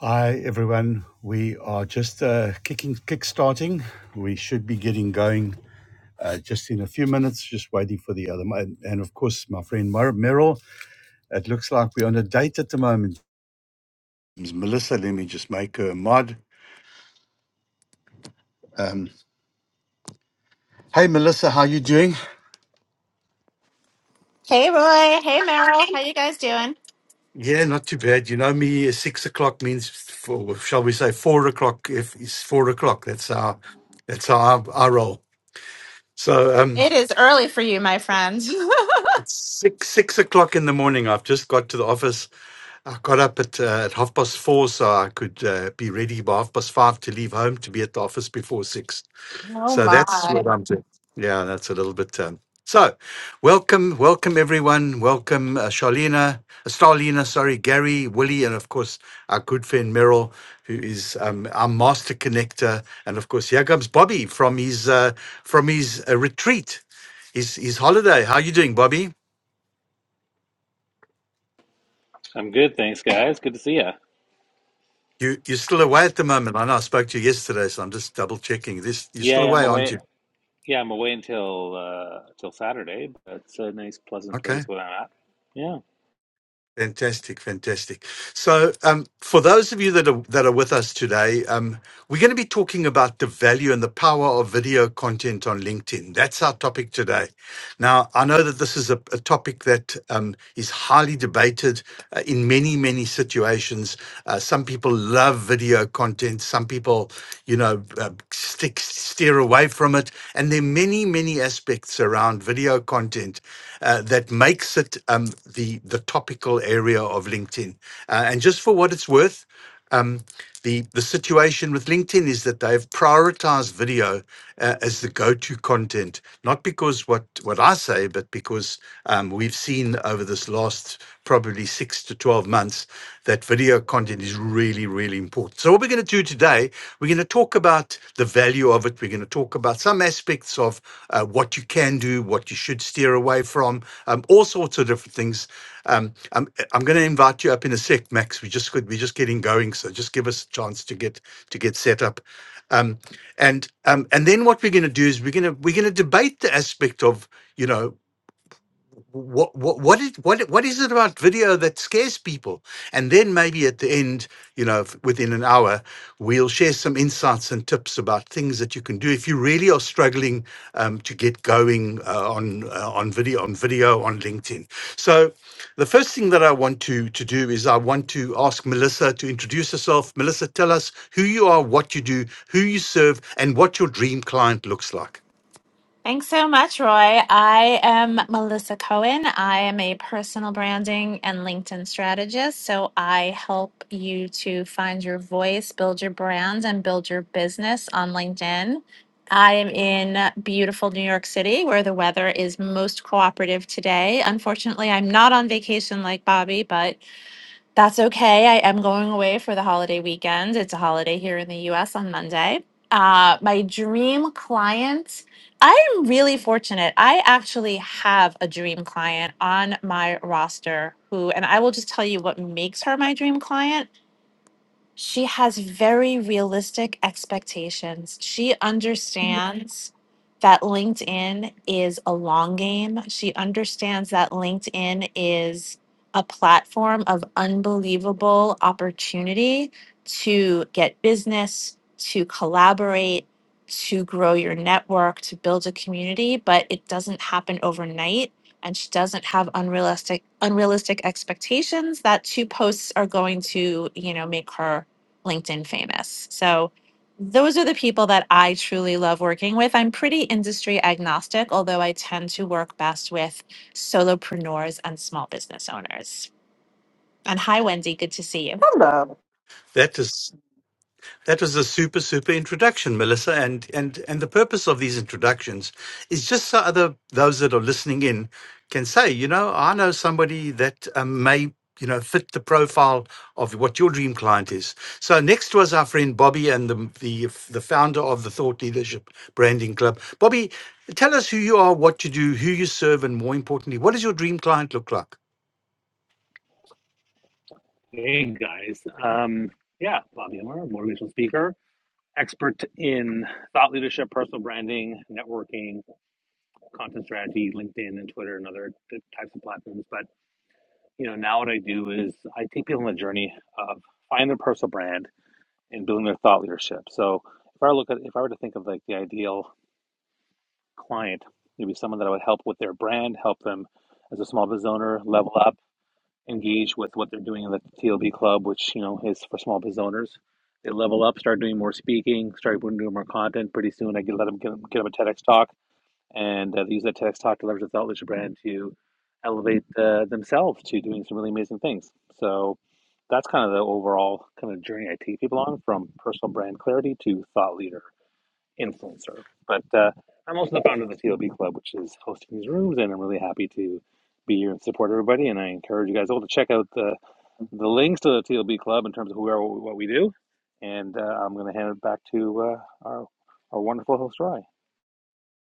Hi everyone. We are just uh, kicking starting. We should be getting going uh, just in a few minutes. Just waiting for the other. And, and of course, my friend Mer- Meryl. It looks like we're on a date at the moment. It's Melissa, let me just make her a mod. Um, hey Melissa, how you doing? Hey Roy, hey Meryl, how you guys doing? Yeah, not too bad. You know me. uh, Six o'clock means, four, shall we say, four o'clock? If it's four o'clock, that's our that's our our roll. So um, It is early for you, my friend. it's six six o'clock in the morning. I've just got to the office. I got up at, uh, at half past four so I could uh, be ready by half past five to leave home to be at the office before six. Oh So that's my. what I'm doing. Yeah, that's a little bit. Um, so, welcome, welcome everyone. Welcome, uh, Charlena, uh, Starlina, sorry, Gary, Willie, and of course, our good friend Merrill, who is um, our master connector. And of course, here comes Bobby from his, uh, from his uh, retreat, his, his holiday. How you doing, Bobby? I'm good, thanks, guys. Good to see ya. You you're still away at the moment. I know I spoke to you yesterday, so I'm just double checking this. You're still Yeah, I'm away, aren't away. you? Yeah, I'm away until uh till Saturday, but it's a nice, pleasant place Okay. where I'm at. Yeah. Fantastic, fantastic. So, um, for those of you that are that are with us today, um, we're going to be talking about the value and the power of video content on LinkedIn. That's our topic today. Now, I know that this is a, a topic that um, is highly debated. uh, in many many situations. Uh, some people love video content. Some people, you know, uh, stick steer away from it. And there are many many aspects around video content uh, that makes it um, the the topical area of LinkedIn. Uh, and just for what it's worth. um, the the situation with LinkedIn is that they've prioritized video uh, as the go-to content, not because what what I say, but because um, we've seen over this last probably six to twelve months that video content is really really important. So what we're going to do today, we're going to talk about the value of it. We're going to to talk about some aspects of uh, what you can do, what you should steer away from, um, all sorts of different things. Um, I'm, I'm going to invite you up in a sec, Max. We just could, we're just getting going, so just give us a chance to get to get set up. Um, and um, and then what we're going to do is we're going to we're going to debate the aspect of you know what what what is what what is it about video that scares people? And then maybe at the end, you know, f- within an hour, we'll share some insights and tips about things that you can do if you really are struggling um, to get going uh, on uh, on video on video on LinkedIn. So, the first thing that I want to to do is I want to ask Melissa to introduce herself. Melissa, tell us who you are, what you do, who you serve, and what your dream client looks like. Thanks so much, Roy. I am Melissa Cohen. I am a personal branding and LinkedIn strategist. So I help you to find your voice, build your brand, and build your business on LinkedIn. I am in beautiful New York City where the weather is most cooperative today. Unfortunately, I'm not on vacation like Bobby, but That's okay. I am going away for the holiday weekend. It's a holiday here in the US on Monday. Uh, my dream client, I am really fortunate. I actually have a dream client on my roster who, and I will just tell you what makes her my dream client she has very realistic expectations. She understands that LinkedIn is a long game. She understands that LinkedIn is a platform of unbelievable opportunity to get business, to collaborate, to grow your network, to build a community, but it doesn't happen overnight. And she doesn't have unrealistic unrealistic expectations that two posts are going to, you know, make her LinkedIn famous. So those are the people that I truly love working with. I'm pretty industry agnostic, although I tend to work best with solopreneurs and small business owners. And hi, Wendy. Good to see you. Hello. That is That was a super, super introduction, Melissa. And and and the purpose of these introductions is just so other those that are listening in can say, you know, I know somebody that um, may you know fit the profile of what your dream client is. So next was our friend Bobby and the the the founder of the Thought Leadership Branding Club. Bobby, tell us who you are, what you do, who you serve, and more importantly, what does your dream client look like? Hey guys, um, yeah, Bobby Amar, motivational speaker, expert in thought leadership, personal branding, networking, content strategy, LinkedIn and Twitter and other t- types of platforms. But you know, now what I do is I take people on the journey of finding their personal brand and building their thought leadership. So if I look at, if I were to think of like the ideal client. Maybe someone that I would help with their brand, help them as a small business owner level up, engage with what they're doing in the TLB club, which you know is for small business owners. They level up, start doing more speaking, start doing more content. Pretty soon, I get let them get, 'em- get them a TEDx talk, and uh, they use that TEDx talk to leverage the Thought Leadership brand to elevate uh, themselves to doing some really amazing things. So that's kind of the overall kind of journey I take people on, from personal brand clarity to thought leader influencer. But uh, I'm also the founder of the CLB Club, which is hosting these rooms, and I'm really happy to be here and support everybody. And I encourage you guys all to check out the the links to the TLB Club in terms of who we are, what we do. And uh, I'm going to hand it back to uh, our our wonderful host, Roy.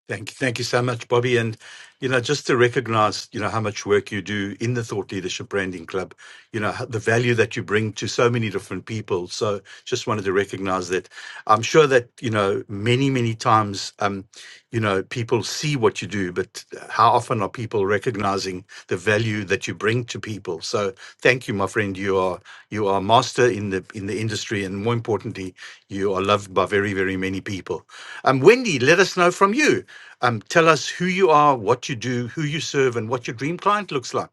Thank you. Thank you so much, Bobby. And, you know, just to recognize, you know, how much work you do in the Thought Leadership Branding Club, you know, how- the value that you bring to so many different people. So just wanted to recognize that. I'm sure that, you know, many, many times, Um, you know people see what you do but uh, how often are people recognizing the value that you bring to people so thank you my friend you are you are a master in the in the industry and more importantly you are loved by very very many people um wendy let us know from you um tell us who you are what you do who you serve and what your dream client looks like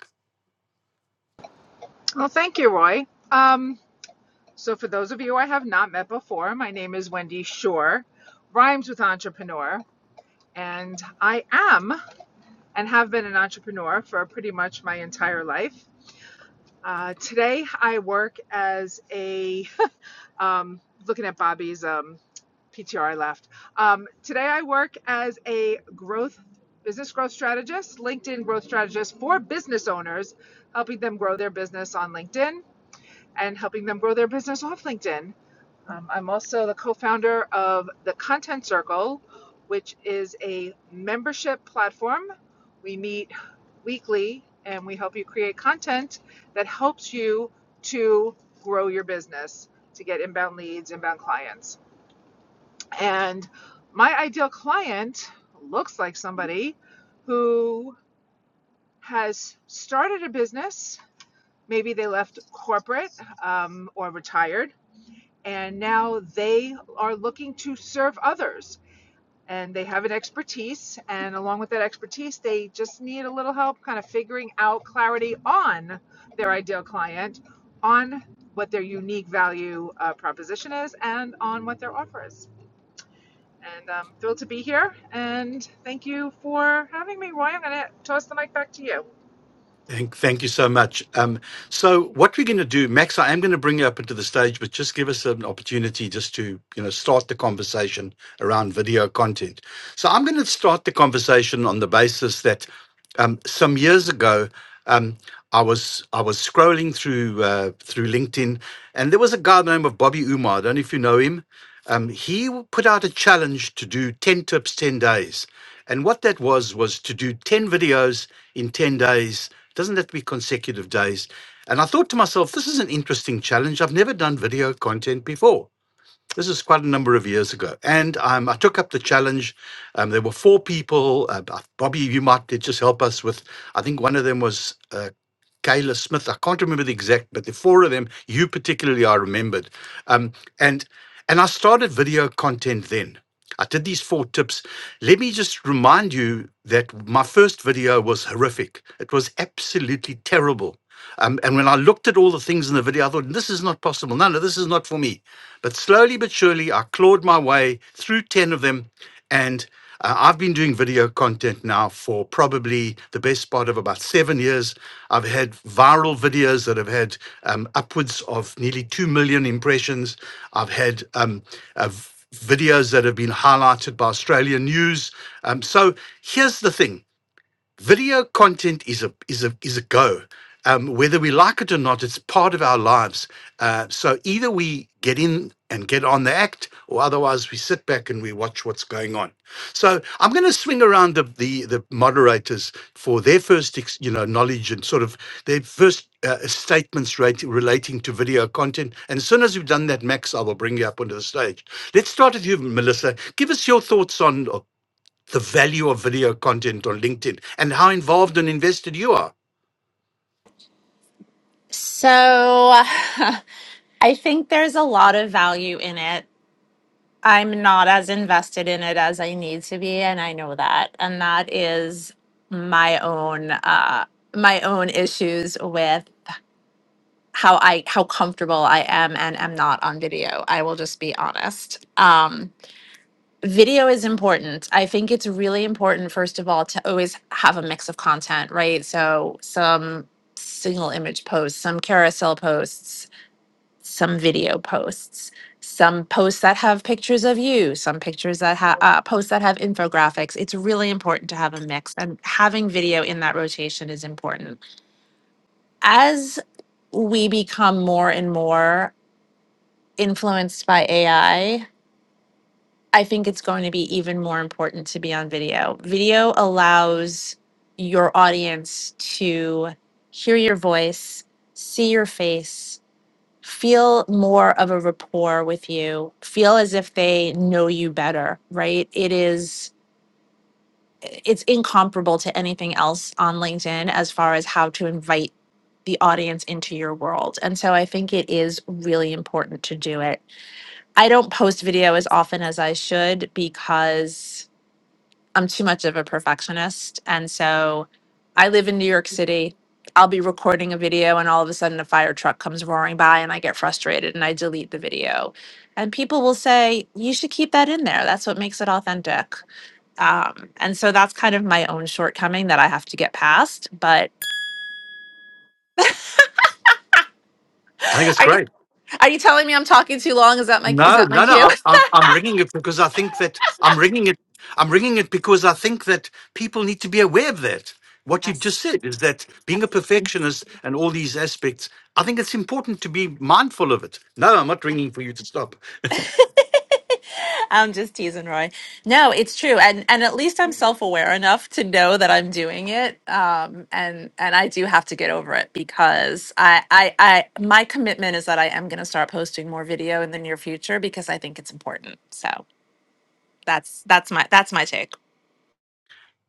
Thank, thank you so much. Um, so what we're going to do, Max, I am going to bring you up into the stage, but just give us an opportunity just to, you know, start the conversation around video content. So I'm going to start the conversation on the basis that um, some years ago, um, I was I was scrolling through uh, through LinkedIn, and there was a guy by the name of Bobby Umar. I don't know if you know him. Um, he w- put out a challenge to do ten tips, ten days, and what that was was to do ten videos in ten days. Doesn't that be consecutive days? And I thought to myself, this is an interesting challenge. I've never done video content before. This is quite a number of years ago. And um, I took up the challenge. Um, there were four people. Uh, uh, Bobby, you might could just help us with, I think one of them was uh, Kayla Smith. I can't remember the exact, but the four of them, you particularly, I remembered. Um, and, and I started video content then. I did these four tips. Let me just remind you that my first video was horrific. It was absolutely terrible. Um, and when I looked at all the things in the video, I thought, this is not possible. No, no, this is not for me. But slowly but surely, I clawed my way through 10 of them. and. Uh, I've been doing video content now for probably the best part of about seven years. I've had viral videos that have had um, upwards of nearly 2 million impressions. I've had um, uh, v- videos that have been highlighted by Australian news. Um, so here's the thing video content is a is a is a go um, whether we like it or not it's part of our lives uh, so either we get in and get on the act or otherwise we sit back and we watch what's going on so i'm going to swing around the, the the moderators for their first ex, you know knowledge and sort of their first uh, statements rate, relating to video content and as soon as we've done that max i will bring you up onto the stage let's start with you melissa give us your thoughts on the value of video content on LinkedIn and how involved and invested you are. So I think there's a lot of value in it. I'm not as invested in it as I need to be, and I know that. And that is my own uh, my own issues with how I how comfortable I am and am not on video. I will just be honest. Um, video is important. I think it's really important, first of all, to always have a mix of content, right? So some single image posts, some carousel posts, some video posts, some posts that have pictures of you, some pictures that have uh, posts that have infographics. It's really important to have a mix, and having video in that rotation is important. As we become more and more influenced by AI, I I think it's going to be even more important to be on video. Video allows your audience to hear your voice, see your face, feel more of a rapport with you, feel as if they know you better, right? It is it's incomparable to anything else on LinkedIn as far as how to invite the audience into your world. And so I think it is really important to do it I don't post video as often as I should because I'm too much of a perfectionist. And so I live in New York City. I'll be recording a video and all of a sudden a fire truck comes roaring by and I get frustrated and I delete the video. And people will say, you should keep that in there. That's what makes it authentic. Um, and so that's kind of my own shortcoming that I have to get past. But I think it's are you, great. are you telling me I'm talking too long? Is that my, is No, that my no, no. cue? I'm, I'm, I'm ringing it because I think that I'm ringing it. I'm ringing it because I think that people need to be aware of that. What you've just Yes. said is that being a Yep. perfectionist and all these aspects, I think it's important to be mindful of it. No, I'm not ringing for you to stop. I'm just teasing Roy. No, it's true. And and at least I'm self-aware enough to know that I'm doing it. Um and and I do have to get over it because I I I my commitment is that I am going to start posting more video in the near future because I think it's important. So, that's that's my that's my take.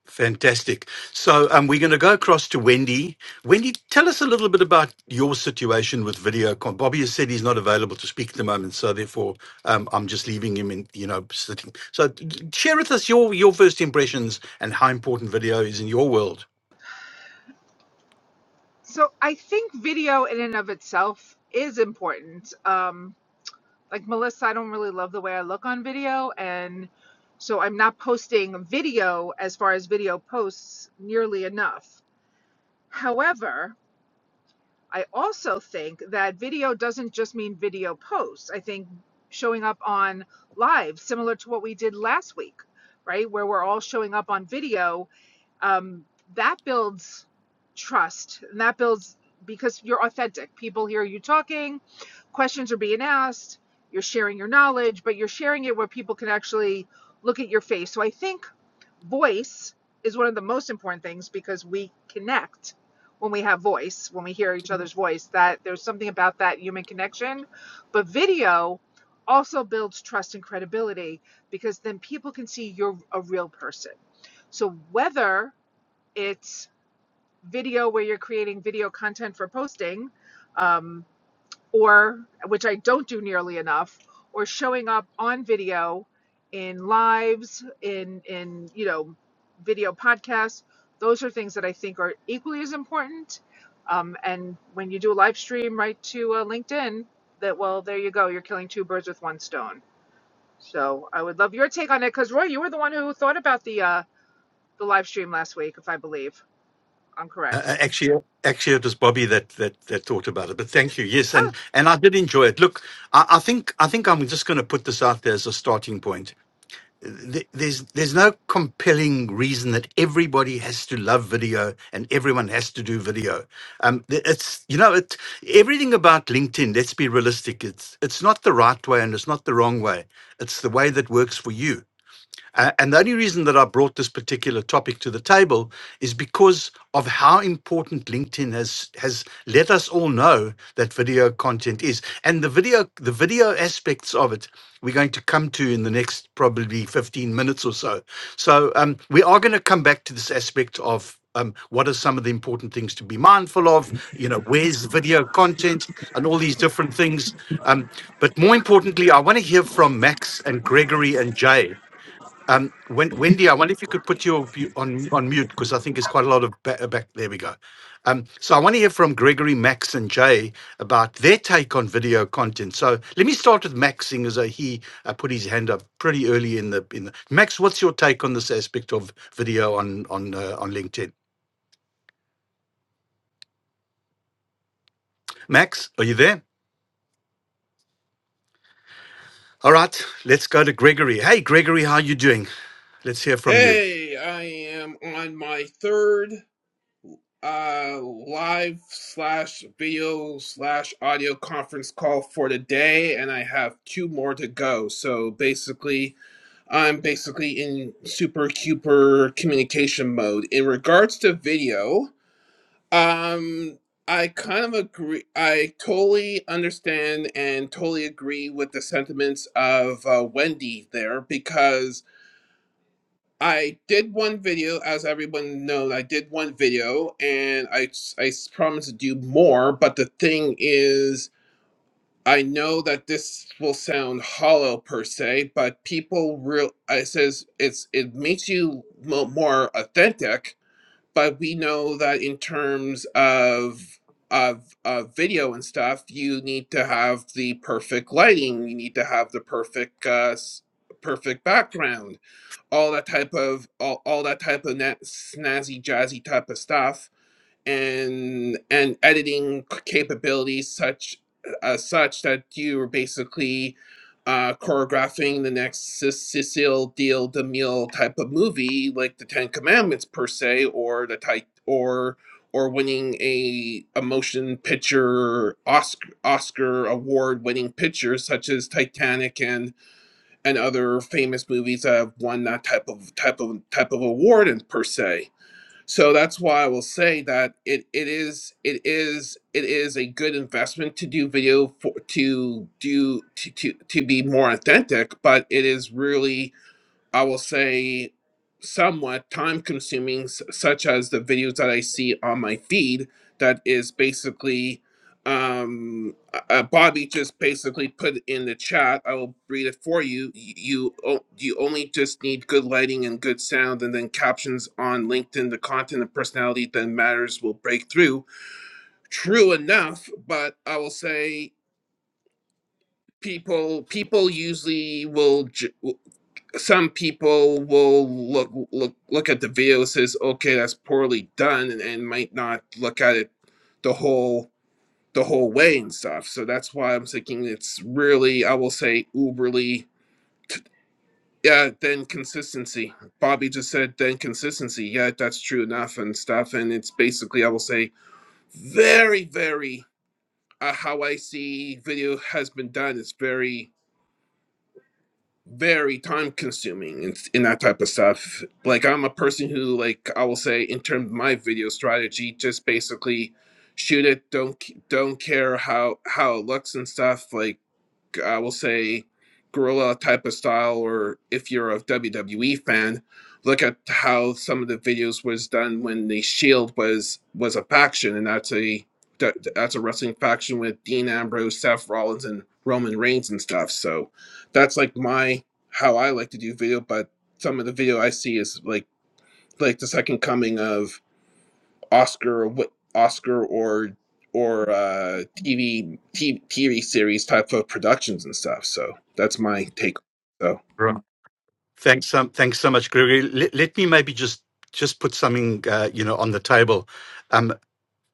Fantastic. So um, we're going to go across to Wendy. Wendy, tell us a little bit about your situation with VideoCon. Bobby has said he's not available to speak at the moment, so therefore um, I'm just leaving him in, you know, sitting. So d- share with us your your first impressions and how important video is in your world. Uh, uh, actually, actually, it was Bobby that that that thought about it. But thank you. Yes, and and I did enjoy it. Look, I, I think I think I'm just going to put this out there as a starting point. Th- There's there's no compelling reason that everybody has to love video and everyone has to do video. Um, th- it's you know it everything about LinkedIn. Let's be realistic. It's it's not the right way and it's not the wrong way. It's the way that works for you. Uh, and the only reason that I brought this particular topic to the table is because of how important LinkedIn has has let us all know that video content is, and the video the video aspects of it we're going to come to in the next probably fifteen minutes or so. So um, we are going to come back to this aspect of. Um, what are some of the important things to be mindful of? You know, where's video content and all these different things. Um, but more importantly, I want to hear from Max and Gregory and Jay um, Wen- Wendy, I wonder if you could put your bu- on on mute because I think there's quite a lot of back. back there we go. Um, so I want to hear from Gregory, Max, and Jay about their take on video content. So let me start with Max, seeing as though he uh, put his hand up pretty early in the in the. Max, what's your take on this aspect of video on on uh, on LinkedIn? Max, are you there? All right, let's go to Gregory. Hey, Gregory, how you doing? Let's hear from you. Hey, I am on my third uh, live slash video slash audio conference call for today, and I have two more to go. So basically, I'm basically in super cuper communication mode. In regards to video, um, I kind of agree. I totally understand and totally agree with the sentiments of uh, Wendy there because I did one video, as everyone knows, I did one video and I I promised to do more. But the thing is, I know that this will sound hollow per se, but people real, I says it's, it makes you mo- more authentic. But we know that in terms of, of, of video and stuff, you need to have the perfect lighting. You need to have the perfect, uh, s- perfect background all that type of all, all that type of na snazzy jazzy type of stuff and and editing capabilities such uh, such that you were basically uh, choreographing the next Ce- Cecil Deal DeMille type of movie like the Ten Commandments per se or the type or or winning a, a motion picture Oscar, Oscar award winning picture such as Titanic and and other famous movies that have won that type of type of type of award and per se. So that's why I will say that it, it is it is it is a good investment to do video for to do to, to to be more authentic, but it is really I will say, somewhat time consuming, s- such as the videos that I see on my feed. That is basically, um, uh, Bobby just basically put in the chat. I will read it for you. y- You o- you only just need good lighting and good sound, and then captions on LinkedIn. The content and personality that matters will break through. True enough, but I will say people people usually will. j- some people will look look look at the video and says, okay, that's poorly done, and, and might not look at it the whole the whole way and stuff. So that's why I'm thinking it's really, I will say, uberly. Yeah, then consistency. Bobby just said then consistency. Yeah, that's true enough and stuff. And it's basically, I will say, very, very uh, how I see video has been done. It's very very time consuming and, in that type of stuff. Like I'm a person who like I will say in terms of my video strategy, just basically shoot it. Don't c- don't care how how it looks and stuff. Like I will say, guerrilla type of style, or if you're a WWE fan, look at how some of the videos was done when the Shield was was a faction, and that's a that, that's a wrestling faction with Dean Ambrose, Seth Rollins, and Roman Reigns and stuff. So that's like my how I like to do video, but some of the video I see is like like the second coming of Oscar wi- Oscar or or uh, TV, TV series type of productions and stuff. So that's my take. So Thanks, um, thanks so much, Gregory. Let, let me maybe just just put something uh, you know on the table. Um,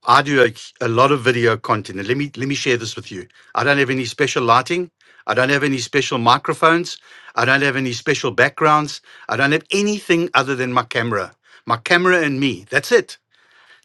I do a, a lot of video content, and let me let me share this with you. I don't have any special lighting. I don't have any special microphones. I don't have any special backgrounds. I don't have anything other than my camera, my camera and me. That's it.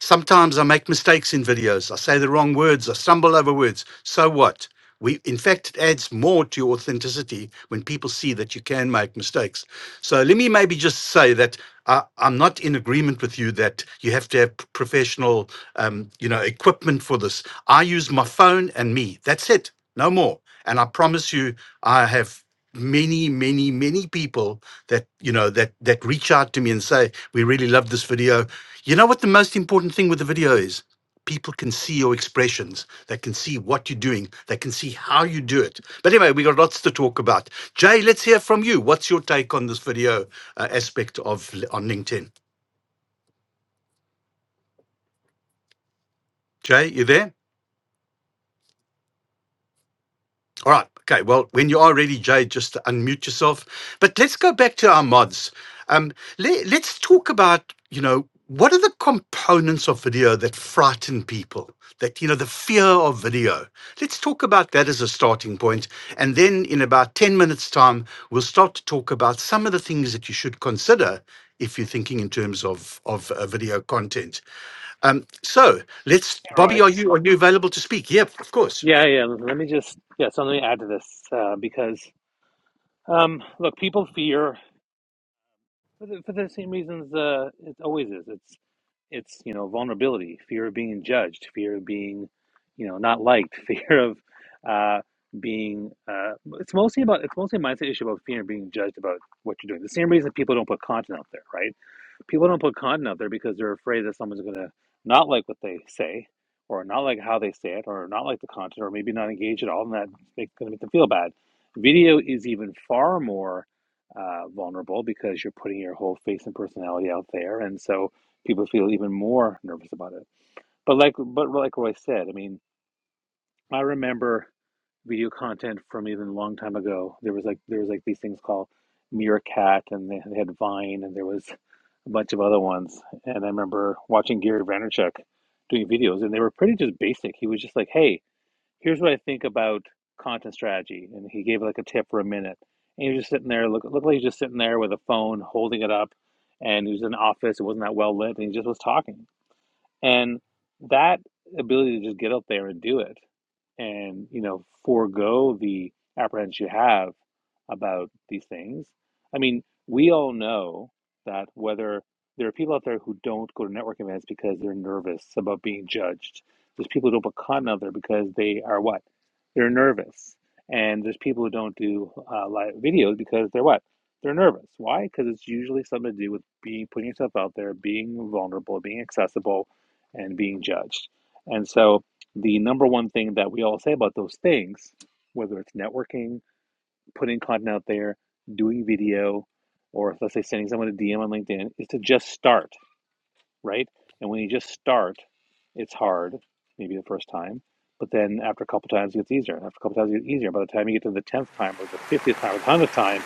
Sometimes I make mistakes in videos. I say the wrong words. I stumble over words. So what? We, in fact, it adds more to your authenticity when people see that you can make mistakes. So let me maybe just say that I, I'm not in agreement with you that you have to have p- professional, um, you know, equipment for this. I use my phone and me. That's it. No more. And I promise you, I have many many many people that you know that that reach out to me and say we really love this video you know what the most important thing with the video is people can see your expressions they can see what you're doing they can see how you do it but anyway we got lots to talk about jay let's hear from you what's your take on this video uh, aspect of on linkedin jay you there All right. Okay. Well, when you are ready, Jay, just unmute yourself. But let's go back to our mods. Um, le- let's talk about, you know, what are the components of video that frighten people? That, you know, the fear of video. Let's talk about that as a starting point, And then in about 10 minutes' time, we'll start to talk about some of the things that you should consider if you're thinking in terms of, of uh, video content. Um, so let's, Hey, Roy. Bobby, are you, are you available to speak? Yeah, of course. Yeah, yeah. Let me just yeah. So let me add to this uh, because um, look, people fear. for the, for the same reasons uh, it always is. It's it's you know vulnerability, fear of being judged, fear of being you know not liked, fear of uh, being. Uh, it's mostly about it's mostly a mindset issue about fear of being judged about what you're doing. The same reason people don't put content out there, right? People don't put content out there because they're afraid that someone's going to not like what they say, or not like how they say it, or not like the content, or maybe not engage at all, and that's going to make them feel bad. Video is even far more uh, vulnerable because you're putting your whole face and personality out there, and so people feel even more nervous about it. But like, but like Roy said, I mean, I remember video content from even a long time ago. There was like there was like these things called Meerkat, and they, they had Vine, and there was a bunch of other ones. And I remember watching Gary Vaynerchuk doing videos, and they were pretty just basic. He was just like, "Hey, here's what I think about content strategy," and he gave like a tip for a minute. And he was just sitting there, look, looked like he was just sitting there with a phone, holding it up, and he was in an office. It wasn't that well lit, and he just was talking. And that ability to just get up there and do it and, you know, forego the apprehensions you have about these things. I mean, we all know that whether there are people out there who don't go to network events because they're nervous about being judged. There's people who don't put content out there because they are what? They're nervous. And there's people who don't do uh, live videos because they're what? They're nervous. Why? Because it's usually something to do with being putting yourself out there, being vulnerable, being accessible, and being judged. And so, the number one thing that we all say about those things, whether it's networking, putting content out there, doing video, or let's say sending someone a DM on LinkedIn, is to just start, right? And when you just start, it's hard, maybe the first time, but then after a couple times, it gets easier. And after a couple times, it gets easier. By the time you get to the 10th time, or the 50th time, or the 100th time,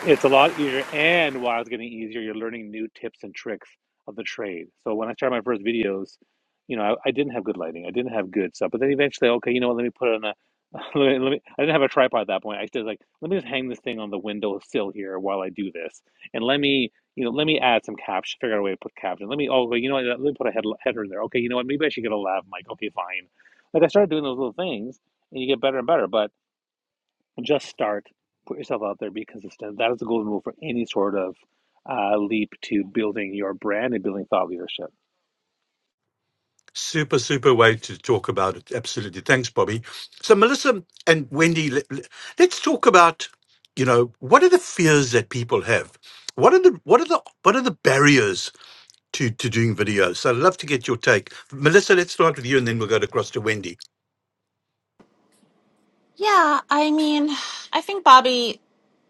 it's a lot easier, and while it's getting easier, you're learning new tips and tricks of the trade. So when I started my first videos, you know, I, I didn't have good lighting, I didn't have good stuff. But then eventually, okay, you know what? Let me put it on a. Let me, let me. I didn't have a tripod at that point. I just like, let me just hang this thing on the windowsill here while I do this, and let me, you know, let me add some caption. Figure out a way to put caption. Let me. Oh, wait, you know what? Let me put a head, header in there. Okay, you know what? Maybe I should get a lav mic. Okay, fine. Like I started doing those little things, and you get better and better. But just start put yourself out there be consistent that is the golden rule for any sort of uh, leap to building your brand and building thought leadership Super, super way to talk about it. Absolutely. Thanks, Bobby. So, Melissa and Wendy, let, let's talk about, you know, what are the fears that people have? What are the what are the what are the barriers to to doing videos? So, I'd love to get your take, Melissa. Let's start with you, and then we'll go across to Wendy. Yeah, I mean, I think Bobby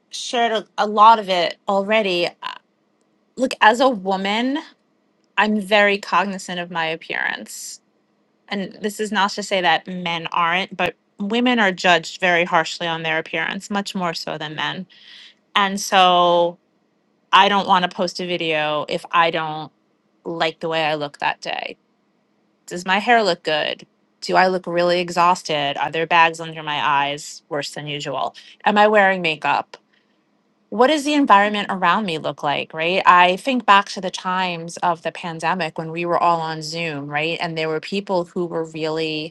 shared a, a lot of it already. Uh, Look, as a woman, I'm very cognizant of my appearance. and this is not to say that men aren't, but women are judged very harshly on their appearance, much more so than men. And so I don't want to post a video if I don't like the way I look that day. Does my hair look good? Do I look really exhausted? Are there bags under my eyes worse than usual? Am I wearing makeup? What does the environment around me look like, right? I think back to the times of the pandemic when we were all on Zoom, right? And there were people who were really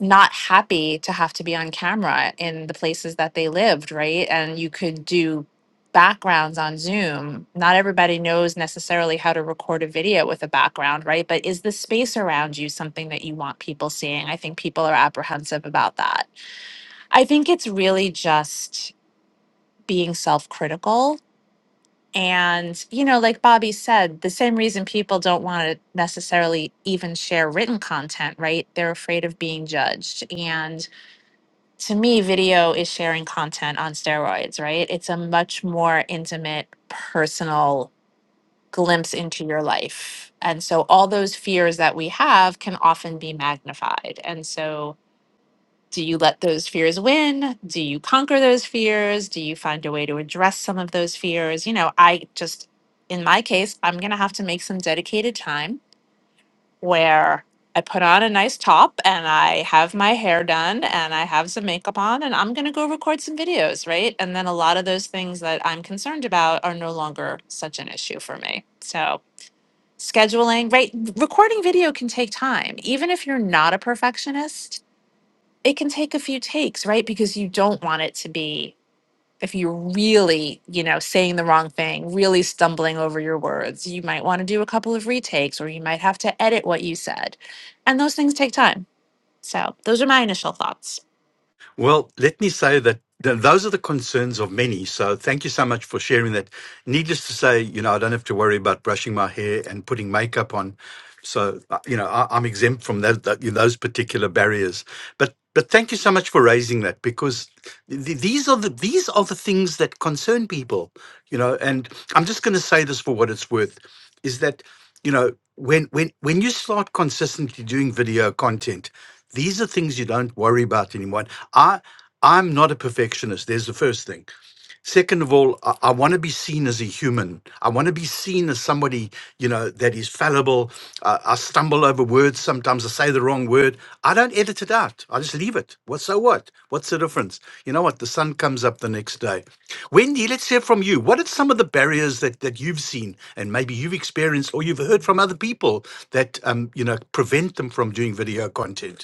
not happy to have to be on camera in the places that they lived, right? And you could do backgrounds on Zoom. Not everybody knows necessarily how to record a video with a background, right? But is the space around you something that you want people seeing? I think people are apprehensive about that. I think it's really just being self critical. And, you know, like Bobby said, the same reason people don't want to necessarily even share written content, right? They're afraid of being judged. And to me, video is sharing content on steroids, right? It's a much more intimate, personal glimpse into your life. And so all those fears that we have can often be magnified. And so do you let those fears win? Do you conquer those fears? Do you find a way to address some of those fears? You know, I just, in my case, I'm going to have to make some dedicated time where I put on a nice top and I have my hair done and I have some makeup on and I'm going to go record some videos, right? And then a lot of those things that I'm concerned about are no longer such an issue for me. So, scheduling, right? Recording video can take time. Even if you're not a perfectionist, it can take a few takes, right? Because you don't want it to be if you're really, you know, saying the wrong thing, really stumbling over your words, you might want to do a couple of retakes or you might have to edit what you said. And those things take time. So, those are my initial thoughts. Well, let me say that th- those are the concerns of many. So thank you so much for sharing that. Needless to say, you know, I don't have to worry about brushing my hair and putting makeup on. So, uh, you know, I, I'm exempt from that, that, those particular barriers. But but thank you so much for raising that because th- th- these are the these are the things that concern people, you know. And I'm just going to say this for what it's worth, is that you know when when when you start consistently doing video content these are things you don't worry about anymore i i'm not a perfectionist there's the first thing Second of all, I, I want to be seen as a human. I want to be seen as somebody, you know, that is fallible. Uh, I stumble over words sometimes. I say the wrong word. I don't edit it out. I just leave it. What so what? What's the difference? You know what? The sun comes up the next day. Wendy, let's hear from you. What are some of the barriers that that you've seen and maybe you've experienced or you've heard from other people that um, you know prevent them from doing video content?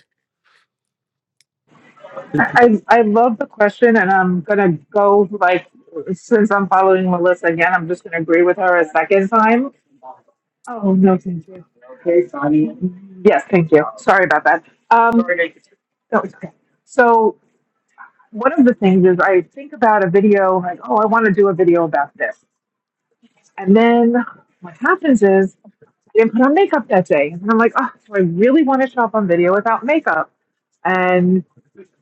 I I love the question, and I'm gonna go like since I'm following Melissa again, I'm just gonna agree with her a second time. Oh no, thank you. Okay, Sonny. Yes, thank you. Sorry about that. Um, no, it's okay. So one of the things is I think about a video like, oh, I want to do a video about this, and then what happens is I didn't put on makeup that day, and I'm like, oh, so I really want to show up on video without makeup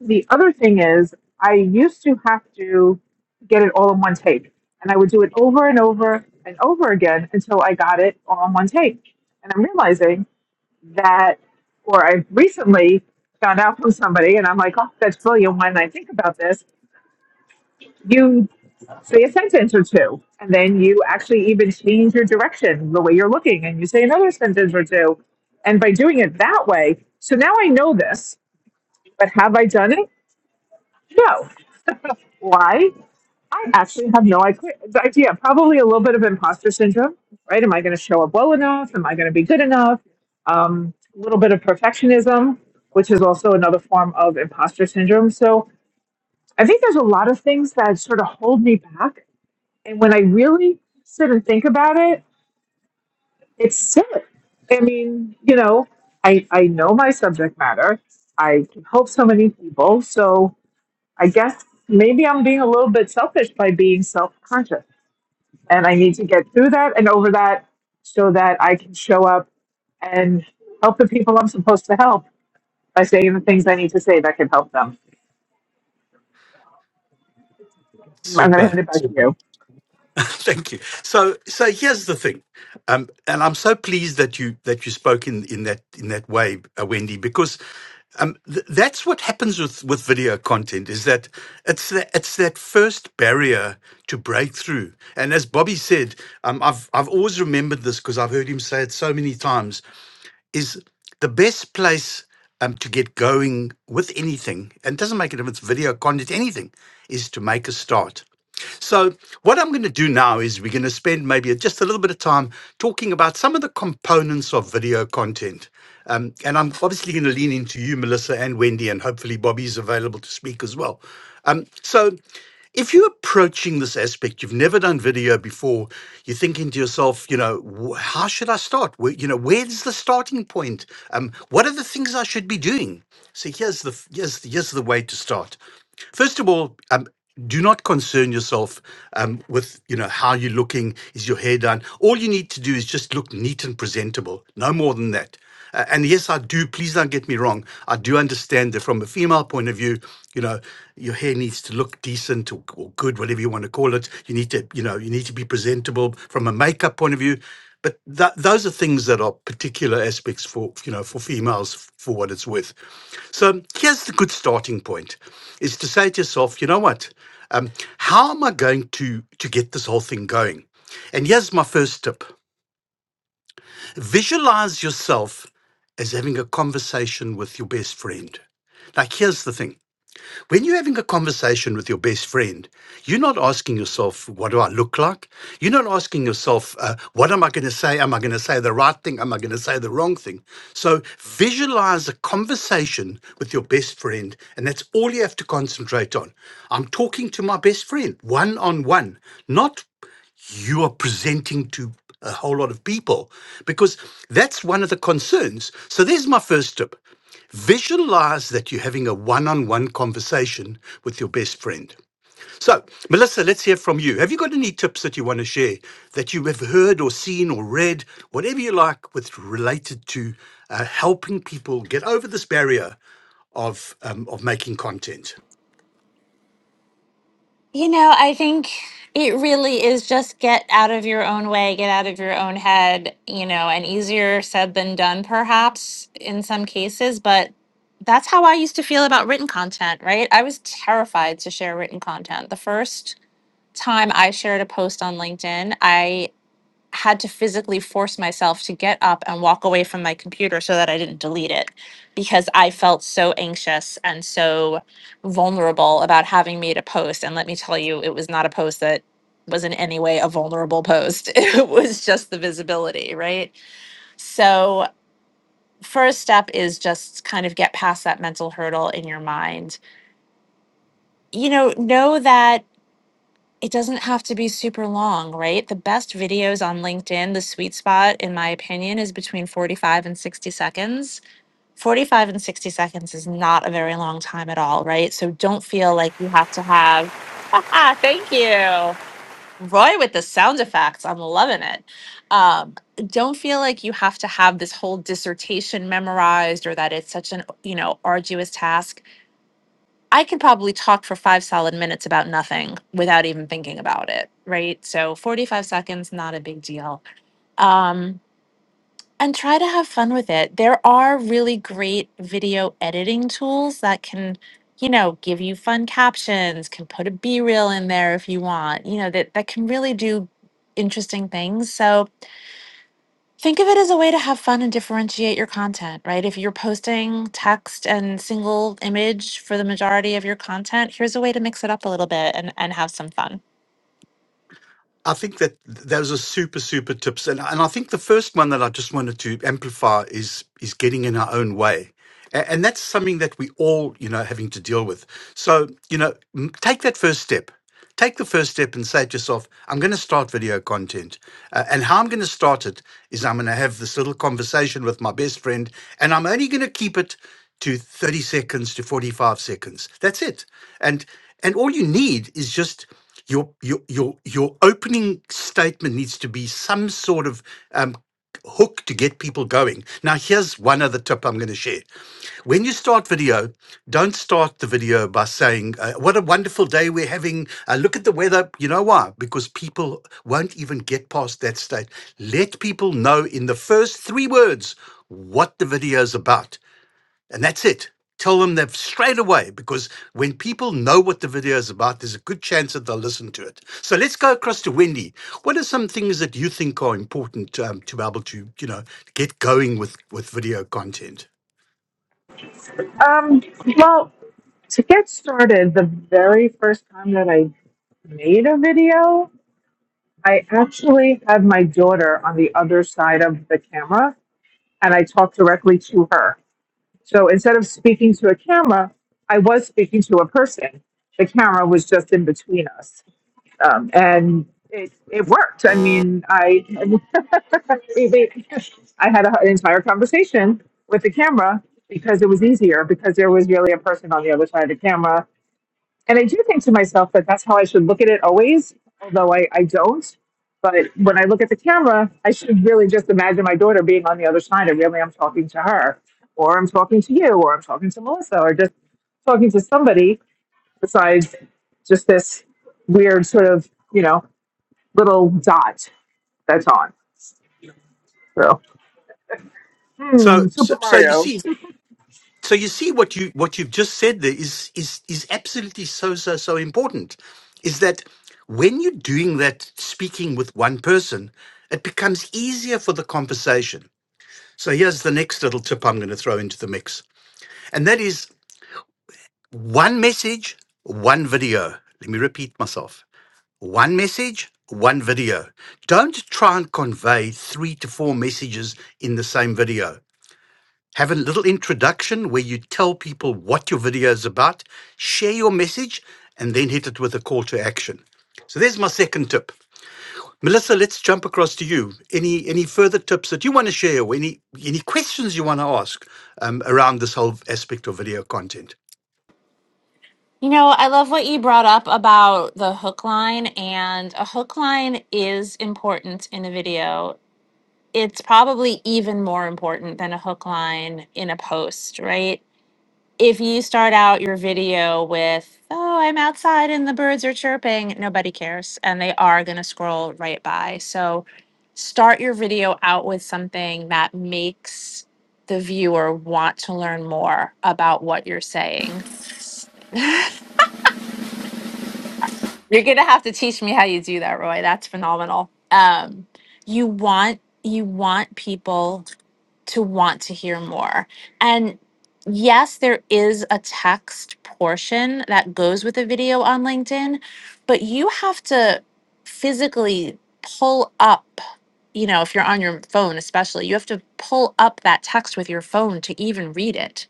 The other thing is, I used to have to get it all in one take, and I would do it over and over and over again until I got it all in one take. And I'm realizing that, or I recently found out from somebody, and I'm like, oh, that's brilliant. When I think about this, you say a sentence or two, and then you actually even change your direction, the way you're looking, and you say another sentence or two. And by doing it that way, so now I know this, but have I done it? No. Why? I actually have no idea. idea. Probably a little bit of imposter syndrome, right? Am I going to show up well enough? Am I going to be good enough? Um, a little bit of perfectionism, which is also another form of imposter syndrome. So I think there's a lot of things that sort of hold me back. And when I really sit and think about it, it's silly. I mean, you know, I, I know my subject matter. I can help so many people. So I guess maybe I'm being a little bit selfish by being self conscious. and I need to get through that and over that so that I can show up and help the people I'm supposed to help by saying the things I need to say that can help them. I'm going to Super, hand it back to super. you. Thank you. So, so here's the thing, um, and I'm so pleased that you that you spoke in, in that in that way, uh, Wendy, because um, th- that's what happens with, with video content is that it's that it's that first barrier to break through. And as Bobby said, um, I've I've always remembered this because I've heard him say it so many times. is the best place um, to get going with anything, and it doesn't make a difference, video content, anything, is to make a start. So, what I'm going to do now is we're going to spend maybe just a little bit of time talking about some of the components of video content. Um, and I'm obviously going to lean into you, Melissa and Wendy, and hopefully Bobby's available to speak as well. Um, so, if you're approaching this aspect, you've never done video before, you're thinking to yourself, you know, "Wh- how should I start? Where, you know, where's the starting point? Um, what are the things I should be doing? So here's the f- here's the, here's the way to start. First of all, um, do not concern yourself um, with you know how you're looking. Is your hair done? All you need to do is just look neat and presentable. No more than that. Uh, and yes, I do. Please don't get me wrong. I do understand that from a female point of view, you know, your hair needs to look decent or, or good, whatever you want to call it. You need to, you know, you need to be presentable from a makeup point of view. But tha those are things that are particular aspects for you know for females f- for what it's worth. So here's the good starting point is to say to yourself, you know what? Um, how am I going to, to get this whole thing going? And here's my first tip visualize yourself as having a conversation with your best friend. Like, here's the thing when you're having a conversation with your best friend, you're not asking yourself, What do I look like? You're not asking yourself, uh, What am I going to say? Am I going to say the right thing? Am I going to say the wrong thing? So visualize a conversation with your best friend, and that's all you have to concentrate on. I'm talking to my best friend one on one, not you are presenting to a whole lot of people because that's one of the concerns. So there's my first tip. Visualize that you're having a one on one conversation with your best friend. So, Melissa, let's hear from you. Have you got any tips that you want to share that you have heard or seen or read, whatever you like, with related to uh, helping people get over this barrier of, um, of making content? You know, I think it really is just get out of your own way, get out of your own head, you know, and easier said than done, perhaps in some cases. But that's how I used to feel about written content, right? I was terrified to share written content. The first time I shared a post on LinkedIn, I had to physically force myself to get up and walk away from my computer so that I didn't delete it because I felt so anxious and so vulnerable about having made a post. And let me tell you, it was not a post that was in any way a vulnerable post, it was just the visibility, right? So, first step is just kind of get past that mental hurdle in your mind. You know, know that it doesn't have to be super long, right? The best videos on LinkedIn, the sweet spot, in my opinion, is between 45 and 60 seconds. 45 and 60 seconds is not a very long time at all, right? So don't feel like you have to have, ah, thank you. Roy with the sound effects. I'm loving it. Um, don't feel like you have to have this whole dissertation memorized or that it's such an, you know, arduous task I could probably talk for five solid minutes about nothing without even thinking about it, right? So 45 seconds, not a big deal. Um, and try to have fun with it. There are really great video editing tools that can, you know, give you fun captions, can put a B reel in there if you want, you know, that, that can really do interesting things. So Think of it as a way to have fun and differentiate your content, right? If you're posting text and single image for the majority of your content, here's a way to mix it up a little bit and, and have some fun. I think that those are super, super tips. And, and I think the first one that I just wanted to amplify is, is getting in our own way. A- And that's something that we all, you know, having to deal with. So, you know, m- take that first step. Take the first step and say to yourself, I'm going to start video content. Uh, and how I'm going to start it is I'm going to have this little conversation with my best friend, and I'm only going to keep it to 30 seconds to 45 seconds. That's it. And and all you need is just your your your your opening statement needs to be some sort of um, hook to get people going. Now, here's one other tip I'm going to share when you start video, don't start the video by saying, uh, What a wonderful day we're having. Uh, look at the weather. You know why? Because people won't even get past that state. Let people know in the first three words what the video is about. And that's it. Tell them that straight away because when people know what the video is about, there's a good chance that they'll listen to it. So let's go across to Wendy. What are some things that you think are important um, to be able to, you know, get going with, with video content? Um, well, to get started, the very first time that I made a video, I actually had my daughter on the other side of the camera and I talked directly to her. So instead of speaking to a camera, I was speaking to a person. The camera was just in between us. um, and it, it worked. I mean, I we- we- I had a, an entire conversation with the camera because it was easier because there was really a person on the other side of the camera. And I do think to myself that that's how I should look at it always, although I, I don't. But when I look at the camera, I should really just imagine my daughter being on the other side and really I'm talking to her, or I'm talking to you, or I'm talking to Melissa, or just talking to somebody besides just this weird sort of, you know little dot that's on. So, So, hmm, so, Super so you Mario. see, so you see what you what you've just said there is is is absolutely so so so important. Is that when you're doing that speaking with one person, it becomes easier for the conversation. So here's the next little tip I'm going to throw into the mix, and that is one message, one video. Let me repeat myself: one message, one video. Don't try and convey three to four messages in the same video have a little introduction where you tell people what your video is about, share your message, and then hit it with a call to action. So there's my second tip. Melissa, let's jump across to you. Any any further tips that you want to share or any any questions you want to ask um, around this whole aspect of video content? You know, I love what you brought up about the hook line, and a hook line is important in a video. It's probably even more important than a hook line in a post, right? if you start out your video with oh i'm outside and the birds are chirping nobody cares and they are going to scroll right by so start your video out with something that makes the viewer want to learn more about what you're saying you're going to have to teach me how you do that roy that's phenomenal um, you want you want people to want to hear more. And yes, there is a text portion that goes with a video on LinkedIn, but you have to physically pull up, you know, if you're on your phone, especially, you have to pull up that text with your phone to even read it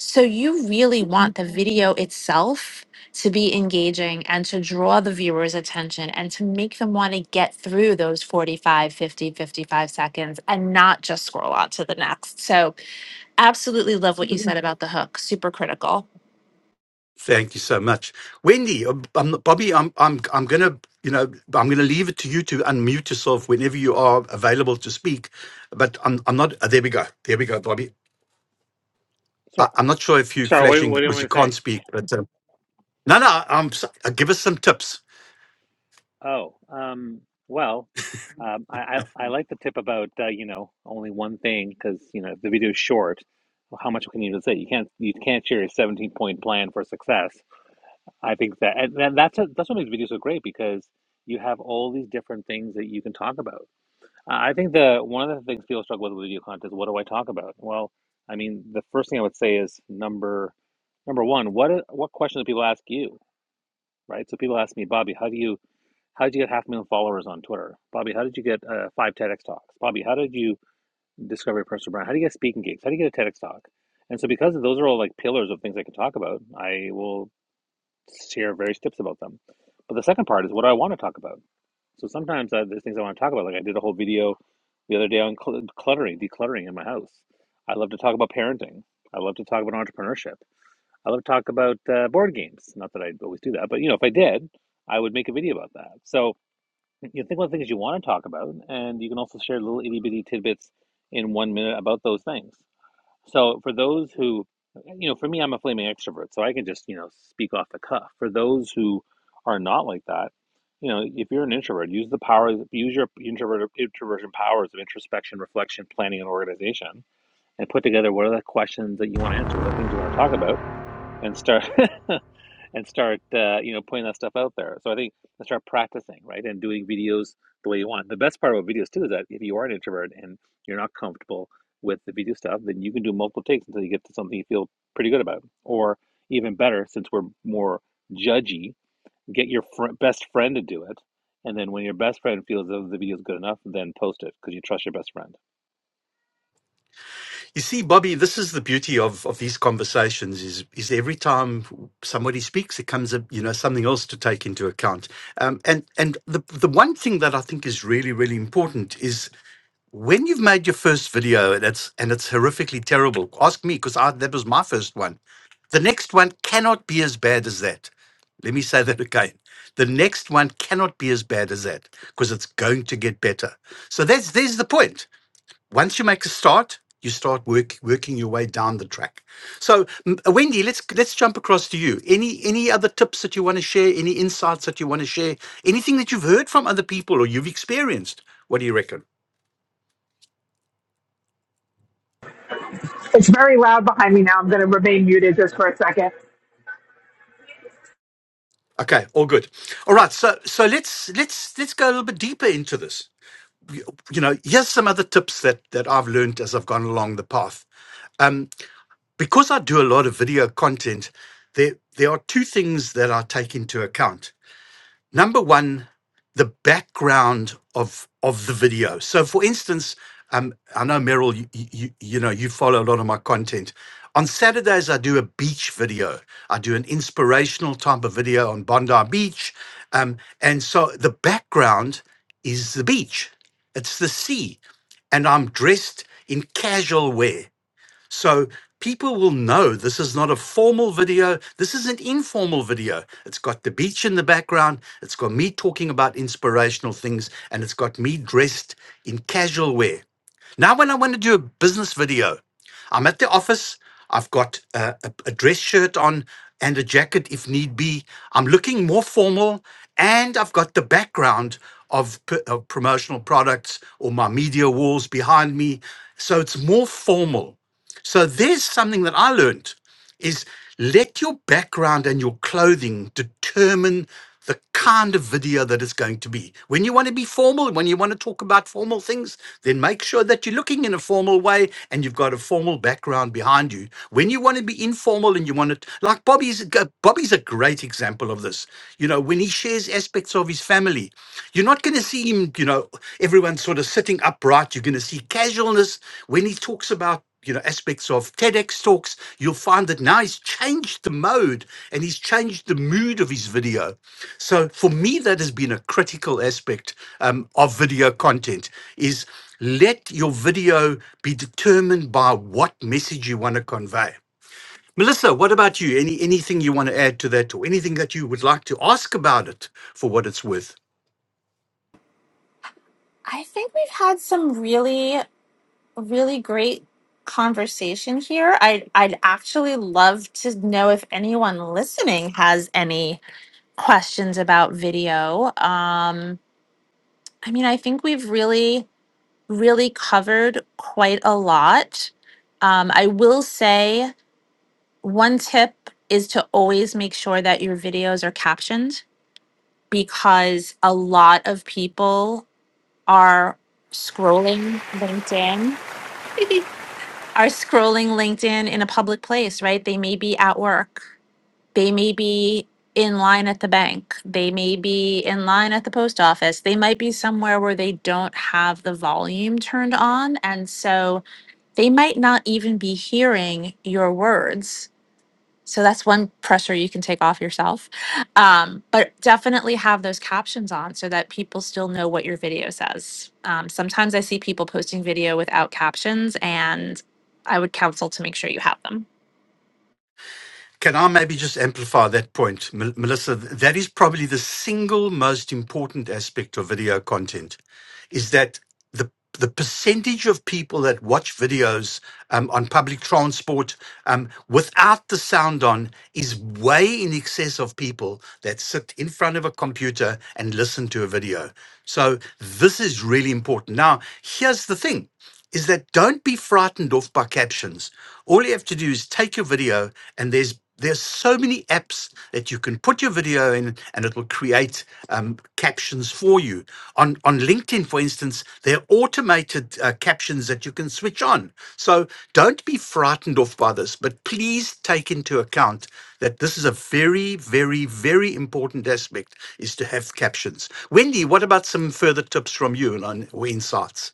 so you really want the video itself to be engaging and to draw the viewer's attention and to make them want to get through those 45, 50, 55 seconds and not just scroll on to the next. So absolutely love what you said about the hook. Super critical. Thank you so much, Wendy. um, i Bobby, I'm I'm I'm gonna you know I'm gonna leave it to you to unmute yourself whenever you are available to speak. But I'm I'm not. uh, There we go. There we go, Bobby. I, sorry I'm not sure if you're sorry what, flashing what do you because want you me to can't say speak. But um, no, no. I'm. s- Uh, give us some tips. oh um, well um, I, I, I like the tip about uh, you know only one thing because you know if the video is short how much can you even say you can't you can't share a 17 point plan for success i think that and that- that's a, that's what makes videos so great because you have all these different things that you can talk about Uh, I think the one of the things people struggle with with video content is what do I talk about? Well, I mean, the first thing I would say is number number one, what i- what questions do people ask you? Right? So people ask me, Bobby, how do you how did you get half a million followers on Twitter? Bobby, how did you get uh, five TEDx talks? Bobby, how did you discover your personal brand? How do you get speaking gigs? How do you get a TEDx talk? And so because those are all like pillars of things I can talk about, I will share various tips about them. But the second part is what do I want to talk about? So sometimes I, there's things I want to talk about. Like I did a whole video the other day on cl- cluttering, decluttering in my house. I love to talk about parenting. I love to talk about entrepreneurship. I love to talk about uh, board games. Not that I always do that, but you know, if I did, I would make a video about that. So you know, think about the things you want to talk about, and you can also share little itty bitty tidbits in one minute about those things. So for those who, you know, for me, I'm a flaming extrovert, so I can just, you know, speak off the cuff. For those who are not like that, you know, if you're an introvert, use the power, use your introvert introversion powers of introspection, reflection, planning, and organization, and put together what are the questions that you want to answer, what are the things you want to talk about, and start. and start uh, you know putting that stuff out there. So I think and start practicing, right, and doing videos the way you want. The best part about videos too is that if you are an introvert and you're not comfortable with the video stuff, then you can do multiple takes until you get to something you feel pretty good about, or even better, since we're more judgy get your fr- best friend to do it, and then when your best friend feels that the video is good enough, then post it because you trust your best friend. You see, Bobby, this is the beauty of of these conversations. Is is every time somebody speaks, it comes up you know something else to take into account. Um, and and the the one thing that I think is really really important is when you've made your first video and it's and it's horrifically terrible, ask me because I that was my first one. The next one cannot be as bad as that. Let me say that again. The next one cannot be as bad as that because it's going to get better. So that's there's the point. Once you make a start, you start work, working your way down the track. So m- uh, Wendy, let's let's jump across to you. Any any other tips that you want to share? Any insights that you want to share? Anything that you've heard from other people or you've experienced? What do you reckon? It's very loud behind me now. I'm going to remain muted just for a second. Okay, all good. All right, so so let's let's let's go a little bit deeper into this. You, you know, here's some other tips that that I've learned as I've gone along the path. Um, because I do a lot of video content, there there are two things that I take into account. Number one, the background of of the video. So, for instance, um, I know Meryl, you, you you know you follow a lot of my content. On Saturdays, I do a beach video. I do an inspirational type of video on Bondi Beach, um, and so the background is the beach. It's the sea, and I'm dressed in casual wear. So people will know this is not a formal video. This is an informal video. It's got the beach in the background. It's got me talking about inspirational things and it's got me dressed in casual wear. Now, when I want to do a business video, I'm at the office. I've got uh, a, a dress shirt on and a jacket if need be. I'm looking more formal, and I've got the background of, p- of promotional products or my media walls behind me. So it's more formal. So there's something that I learned is let your background and your clothing determine the kind of video that it's going to be. When you want to be formal, when you want to talk about formal things, then make sure that you're looking in a formal way and you've got a formal background behind you. When you want to be informal and you want to, like Bobby's, Bobby's a great example of this. You know, when he shares aspects of his family, you're not going to see him, you know, everyone sort of sitting upright. You're going to see casualness when he talks about, you know, aspects of TEDx talks. You'll find that now he's changed the mode and he's changed the mood of his video. So for me, that has been a critical aspect um, of video content is let your video be determined by what message you want to convey. Melissa, what about you? Any anything you want to add to that, or anything that you would like to ask about it for what it's worth? I think we've had some really, really great conversation here. I'd, I'd actually love to know if anyone listening has any questions about video. Um, I mean, I think we've really, really covered quite a lot. Um, I will say one tip is to always make sure that your videos are captioned because a lot of people are scrolling LinkedIn, are scrolling LinkedIn in a public place, right? They may be at work. They may be in line at the bank. They may be in line at the post office. They might be somewhere where they don't have the volume turned on. And so they might not even be hearing your words. So that's one pressure you can take off yourself. Um, but definitely have those captions on so that people still know what your video says. Um, sometimes I see people posting video without captions, and I would counsel to make sure you have them. Can I maybe just amplify that point, Mel- Melissa? Th- That is probably the single most important aspect of video content, is that the the percentage of people that watch videos um, on public transport um, without the sound on is way in excess of people that sit in front of a computer and listen to a video. So this is really important. Now, here's the thing is that don't be frightened off by captions. All you have to do is take your video, and there's there's so many apps that you can put your video in, and it will create um, captions for you. On on LinkedIn, for instance, there are automated uh, captions that you can switch on. So don't be frightened off by this, but please take into account that this is a very, very, very important aspect is to have captions. Wendy, what about some further tips from you and on, or insights?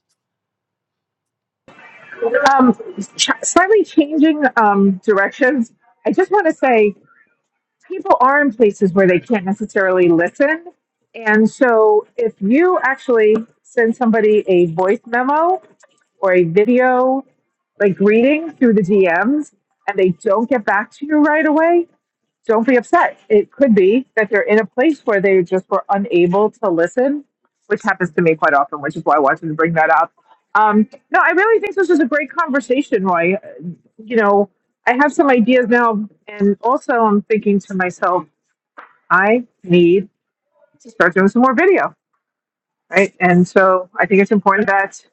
Um, ch- slightly changing um, directions. I just want to say people are in places where they can't necessarily listen. And so, if you actually send somebody a voice memo or a video like greeting through the DMs and they don't get back to you right away, don't be upset. It could be that they're in a place where they just were unable to listen, which happens to me quite often, which is why I wanted to bring that up. Um, no, I really think this was a great conversation, Roy. You know, I have some ideas now, and also I'm thinking to myself, I need to start doing some more video, right? And so I think it's important that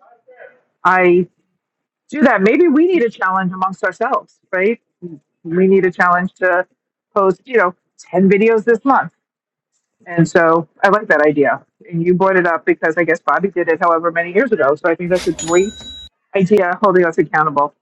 I do that. Maybe we need a challenge amongst ourselves, right? We need a challenge to post, you know, 10 videos this month And so I like that idea. And you brought it up because I guess Bobby did it however many years ago. So I think that's a great idea holding us accountable.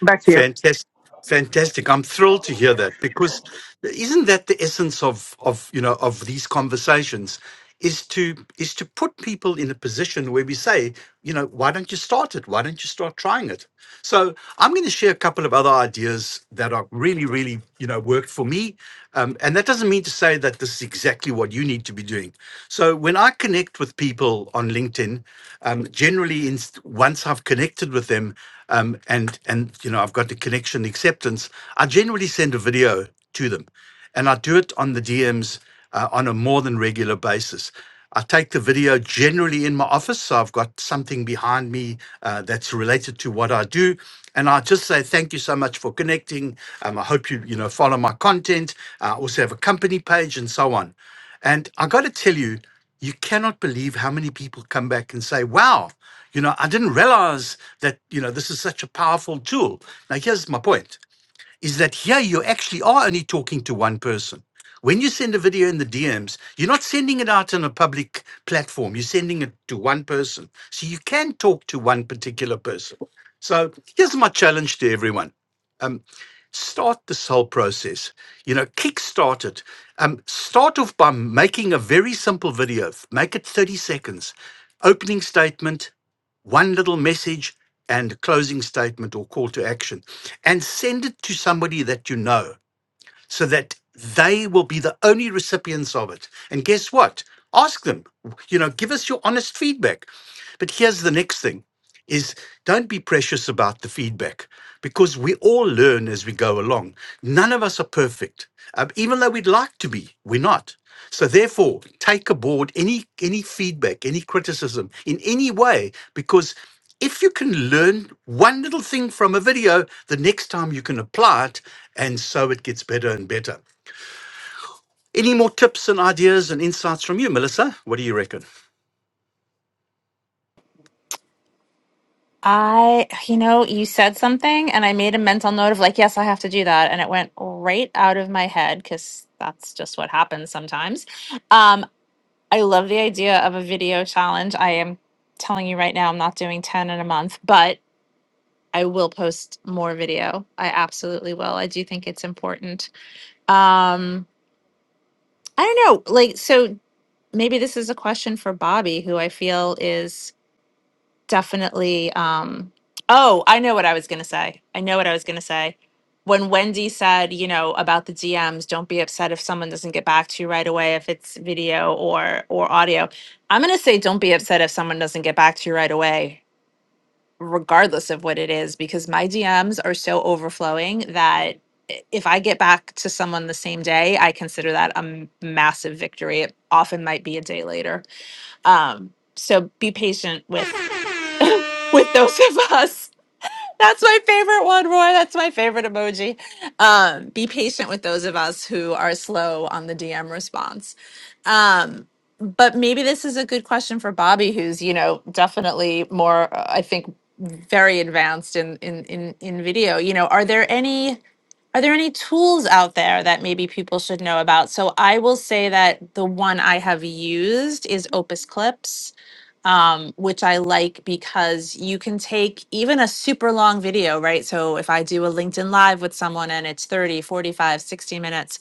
Back to you. Fantastic. Fantastic. I'm thrilled to hear that because isn't that the essence of of you know of these conversations is to is to put people in a position where we say, you know, why don't you start it? Why don't you start trying it? So I'm going to share a couple of other ideas that are really, really, you know, worked for me. Um, and that doesn't mean to say that this is exactly what you need to be doing. So when I connect with people on LinkedIn, um, generally in, once I've connected with them um, and and you know I've got the connection acceptance, I generally send a video to them, and I do it on the DMs uh, on a more than regular basis. I take the video generally in my office, so I've got something behind me uh, that's related to what I do, and I just say thank you so much for connecting. Um, I hope you you know follow my content. Uh, I also have a company page and so on, and I got to tell you you cannot believe how many people come back and say, wow, you know, I didn't realize that, you know, this is such a powerful tool. Now, here's my point is that here you actually are only talking to one person. When you send a video in the DMs, you're not sending it out on a public platform. You're sending it to one person. So you can talk to one particular person. So here's my challenge to everyone. Um, start this whole process you know kickstart it um start off by making a very simple video make it 30 seconds opening statement one little message and closing statement or call to action and send it to somebody that you know so that they will be the only recipients of it and guess what ask them you know give us your honest feedback but here's the next thing is don't be precious about the feedback because we all learn as we go along. None of us are perfect. Um, even though we'd like to be, we're not. So therefore, take aboard any any feedback, any criticism in any way because if you can learn one little thing from a video, the next time you can apply it and so it gets better and better. Any more tips and ideas and insights from you, Melissa? What do you reckon? I, you know, you said something and I made a mental note of like, yes, I have to do that. And it went right out of my head because that's just what happens sometimes. Um, I love the idea of a video challenge. I am telling you right now, I'm not doing 10 in a month, but I will post more video. I absolutely will. I do think it's important. Um, I don't know, like, so maybe this is a question for Bobby, who I feel is definitely um oh i know what i was going to say i know what i was going to say when wendy said you know about the dms don't be upset if someone doesn't get back to you right away if it's video or or audio i'm going to say don't be upset if someone doesn't get back to you right away regardless of what it is because my dms are so overflowing that i- if i get back to someone the same day i consider that a m- massive victory it often might be a day later um so be patient with with those of us. That's my favorite one, Roy. That's my favorite emoji. Um, be patient with those of us who are slow on the DM response. Um, but maybe this is a good question for Bobby, who's you know definitely more, uh, I think, very advanced in in in, in video. You know, are there any? Are there any tools out there that maybe people should know about? So I will say that the one I have used is Opus Clips, um, which I like because you can take even a super long video, right? So if I do a LinkedIn Live with someone and it's 30, 45, 60 minutes,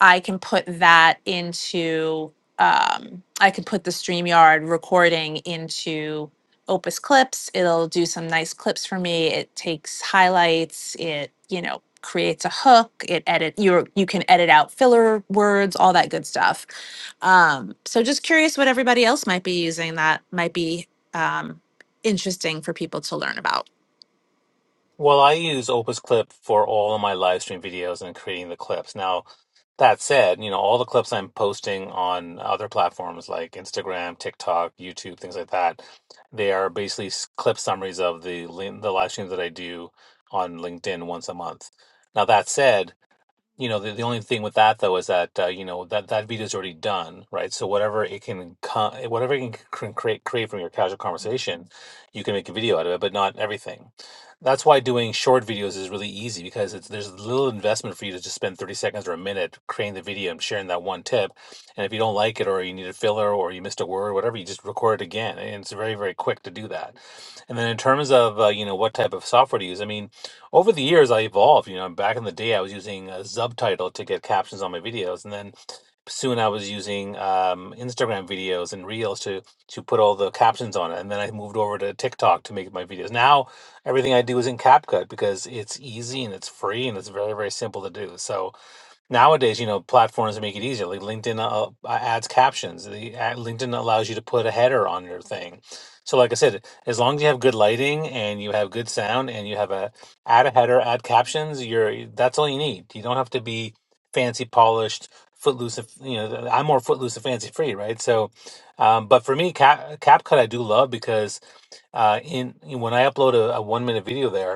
I can put that into um, I could put the StreamYard recording into Opus Clips. It'll do some nice clips for me. It takes highlights, it, you know, creates a hook, it edit you you can edit out filler words, all that good stuff. Um, so just curious what everybody else might be using that might be um, interesting for people to learn about. Well, I use Opus Clip for all of my live stream videos and creating the clips. Now, that said, you know, all the clips I'm posting on other platforms like Instagram, TikTok, YouTube, things like that, they are basically s- clip summaries of the lin- the live streams that I do on LinkedIn once a month. Now, that said, you know, the, the only thing with that though is that uh, you know that that video is already done, right? So whatever it can co- whatever you can cr- create create from your casual conversation, you can make a video out of it, but not everything. That's why doing short videos is really easy because it's there's little investment for you to just spend 30 seconds or a minute creating the video and sharing that one tip. And if you don't like it or you need a filler or you missed a word, whatever, you just record it again. And it's very, very quick to do that. And then in terms of uh, you know what type of software to use, I mean over the years, I evolved. You know, back in the day, I was using a subtitle to get captions on my videos, and then soon I was using um, Instagram videos and Reels to to put all the captions on it. And then I moved over to TikTok to make my videos. Now everything I do is in CapCut because it's easy and it's free and it's very very simple to do. So nowadays you know platforms make it easier like linkedin uh, uh, uh, adds captions the ad, linkedin allows you to put a header on your thing so like i said as long as you have good lighting and you have good sound and you have a add a header add captions you're that's all you need you don't have to be fancy polished footloose and- you know i'm more footloose and fancy free right so um, but for me cap capcut i do love because uh, in when I upload a, a one minute video there,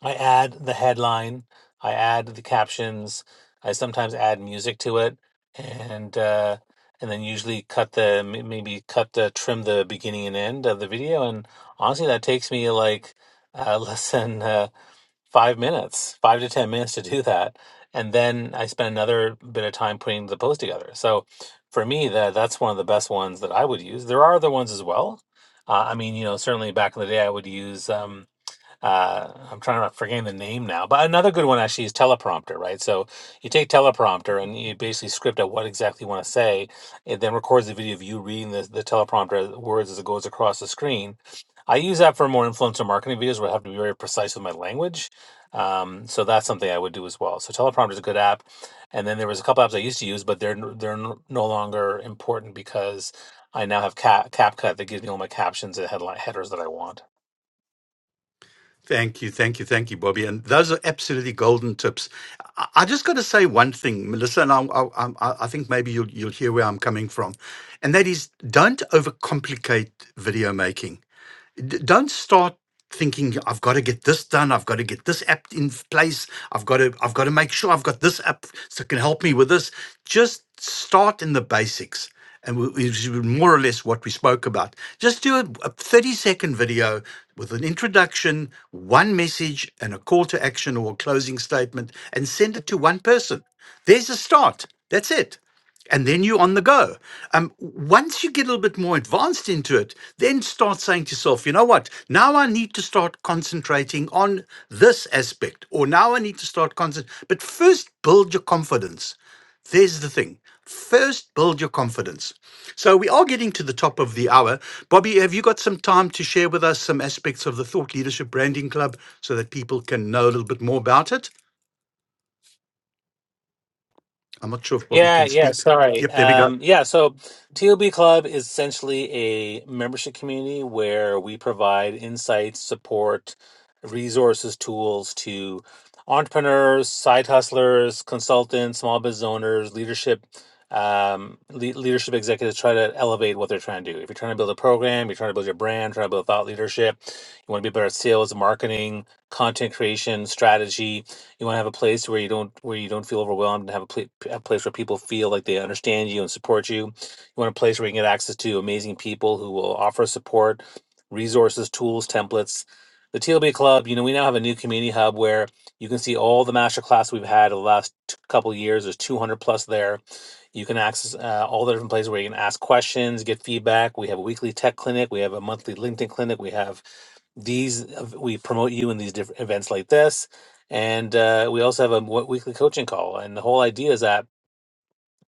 I add the headline, I add the captions, I sometimes add music to it, and uh, and then usually cut the may- maybe cut the trim the beginning and end of the video. And honestly, that takes me like uh, less than uh, five minutes, five to ten minutes to do that, and then I spend another bit of time putting the post together. So for me, that that's one of the best ones that I would use. There are other ones as well. Uh, I mean, you know, certainly back in the day, I would use. Um, uh, I'm trying to I'm forgetting the name now, but another good one actually is teleprompter, right? So you take teleprompter and you basically script out what exactly you want to say. It then records the video of you reading the, the teleprompter words as it goes across the screen. I use that for more influencer marketing videos where I have to be very precise with my language. Um, so that's something I would do as well. So teleprompter is a good app. And then there was a couple apps I used to use, but they're n- they're n- no longer important because I now have Cap CapCut that gives me all my captions and headline headers that I want. Thank you, thank you, thank you, Bobby. And those are absolutely golden tips. I, I just got to say one thing, Melissa, and I, I, I I think maybe you'll you'll hear where I'm coming from, and that is don't overcomplicate video making d- don't start thinking i've got to get this done i've got to get this app in f- place i've got to i've got to make sure i've got this app that can help me with this just start in the basics and we, which is more or less what we spoke about just do a, a 30 second video with an introduction one message and a call to action or a closing statement and send it to one person there's a start that's it and then you're on the go. Um, once you get a little bit more advanced into it, then start saying to yourself, you know what? Now I need to start concentrating on this aspect, or now I need to start concentrating. But first, build your confidence. There's the thing. First, build your confidence. So we are getting to the top of the hour. Bobby, have you got some time to share with us some aspects of the Thought Leadership Branding Club so that people can know a little bit more about it? I'm not sure if Bobby Yeah, can yeah, speak. sorry. Yep, there we go. Um, yeah, so TOB Club is essentially a membership community where we provide insights, support, resources, tools to entrepreneurs, side hustlers, consultants, small business owners, leadership, um, le leadership executives try to elevate what they're trying to do. If you're trying to build a program, you're trying to build your brand, trying to build thought leadership, you want to be better at sales, marketing, content creation, strategy you want to have a place where you don't where you don't feel overwhelmed and have a, pla- a place where people feel like they understand you and support you you want a place where you can get access to amazing people who will offer support resources tools templates the tlb club you know we now have a new community hub where you can see all the master class we've had over the last t- couple of years there's 200 plus there you can access uh, all the different places where you can ask questions get feedback we have a weekly tech clinic we have a monthly linkedin clinic we have these uh, we promote you in these different events like this and uh, we also have a w- weekly coaching call and the whole idea is that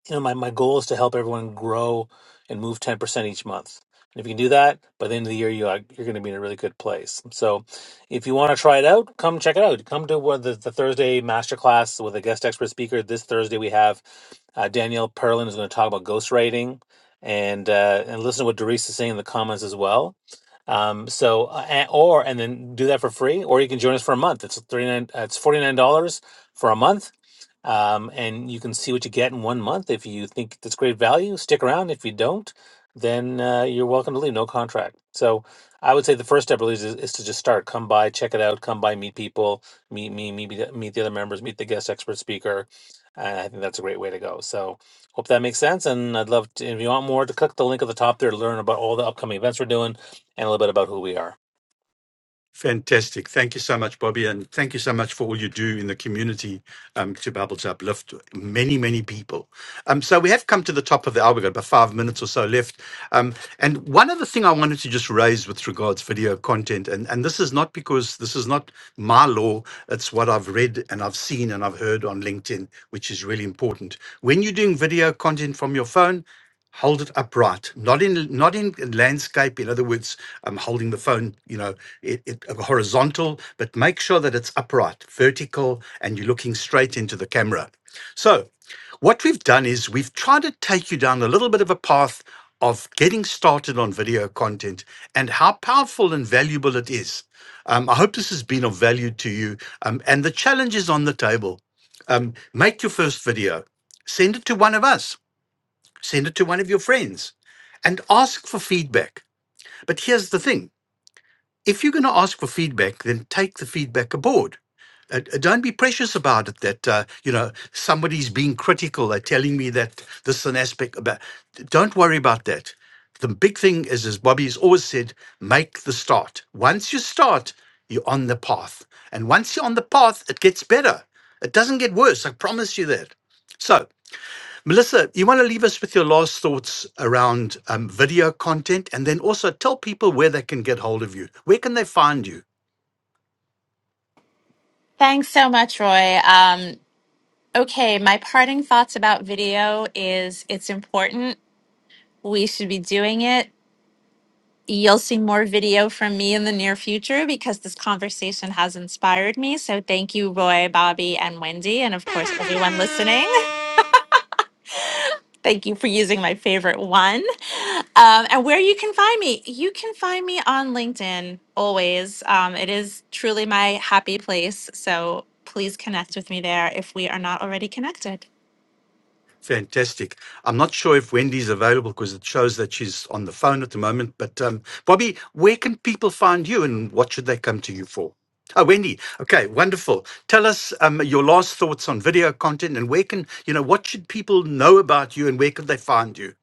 you know, my, my goal is to help everyone grow and move 10% each month. And if you can do that, by the end of the year, you are, you're going to be in a really good place. So if you want to try it out, come check it out. Come to one of the, the Thursday masterclass with a guest expert speaker. This Thursday, we have uh, Danielle Perlin is going to talk about ghostwriting and, uh, and listen to what Doris is saying in the comments as well. Um, so, uh, and- or, and then do that for free, or you can join us for a month. It's 39, uh, it's $49 for a month um, and you can see what you get in one month. If you think that's great value, stick around. If you don't, then uh, you're welcome to leave. No contract. So I would say the first step really is, is to just start. Come by, check it out. Come by, meet people, meet me, meet the- meet the other members, meet the guest expert speaker. And I think that's a great way to go. So hope that makes sense. And I'd love to, if you want more, to click the link at the top there to learn about all the upcoming events we're doing and a little bit about who we are. Fantastic. Thank you so much, Bobby, and thank you so much for all you do in the community um, to be able to uplift many, many people. Um, so we have come to the top of the hour. We've got about five minutes or so left. Um, and one other thing I wanted to just raise with regards video content, and, and this is not because this is not my law, it's what I've read and I've seen and I've heard on LinkedIn, which is really important. When you're doing video content from your phone, hold it upright not in not in landscape in other words i'm holding the phone you know it, it horizontal but make sure that it's upright vertical and you're looking straight into the camera so what we've done is we've tried to take you down a little bit of a path of getting started on video content and how powerful and valuable it is um, i hope this has been of value to you um, and the challenge is on the table um, make your first video send it to one of us send it to one of your friends and ask for feedback. But here's the thing if you're going to ask for feedback, then take the feedback aboard. Uh, uh, don't be precious about it that, uh, you know, somebody's being critical. They're telling me that this is an aspect about. Don't worry about that. The big thing is, as Bobby's always said, make the start. Once you start, you're on the path. And once you're on the path, it gets better. It doesn't get worse. I promise you that. So. Melissa, you want to leave us with your last thoughts around um, video content and then also tell people where they can get hold of you. Where can they find you? Thanks so much, Roy. Um, Okay, my parting thoughts about video is it's important. We should be doing it. You'll see more video from me in the near future because this conversation has inspired me. So thank you, Roy, Bobby, and Wendy, and of course, everyone listening. Thank you for using my favorite one. Um, and where you can find me, you can find me on LinkedIn always. Um, it is truly my happy place. So please connect with me there if we are not already connected. Fantastic. I'm not sure if Wendy's available because it shows that she's on the phone at the moment. But um, Bobby, where can people find you and what should they come to you for? Oh, Wendy. Okay, wonderful. Tell us um, your last thoughts on video content and where can, you know, what should people know about you and where can they find you?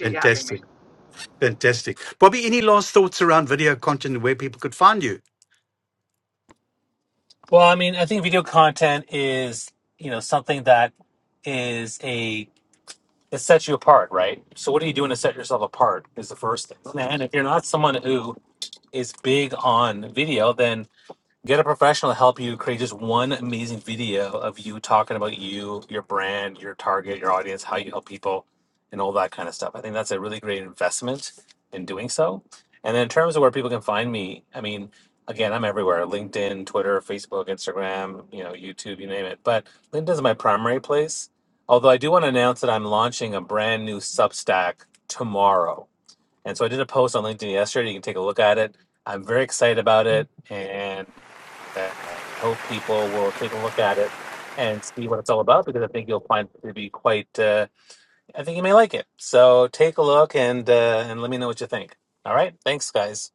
Fantastic. Fantastic. Bobby, any last thoughts around video content and where people could find you? Well, I mean, I think video content is you know something that is a it sets you apart, right? So what are you doing to set yourself apart is the first thing. And if you're not someone who is big on video, then Get a professional to help you create just one amazing video of you talking about you, your brand, your target, your audience, how you help people, and all that kind of stuff. I think that's a really great investment in doing so. And then in terms of where people can find me, I mean, again, I'm everywhere: LinkedIn, Twitter, Facebook, Instagram, you know, YouTube, you name it. But LinkedIn is my primary place. Although I do want to announce that I'm launching a brand new Substack tomorrow. And so I did a post on LinkedIn yesterday. You can take a look at it. I'm very excited about it. and I hope people will take a look at it and see what it's all about because I think you'll find it to be quite. Uh, I think you may like it. So take a look and uh, and let me know what you think. All right, thanks, guys.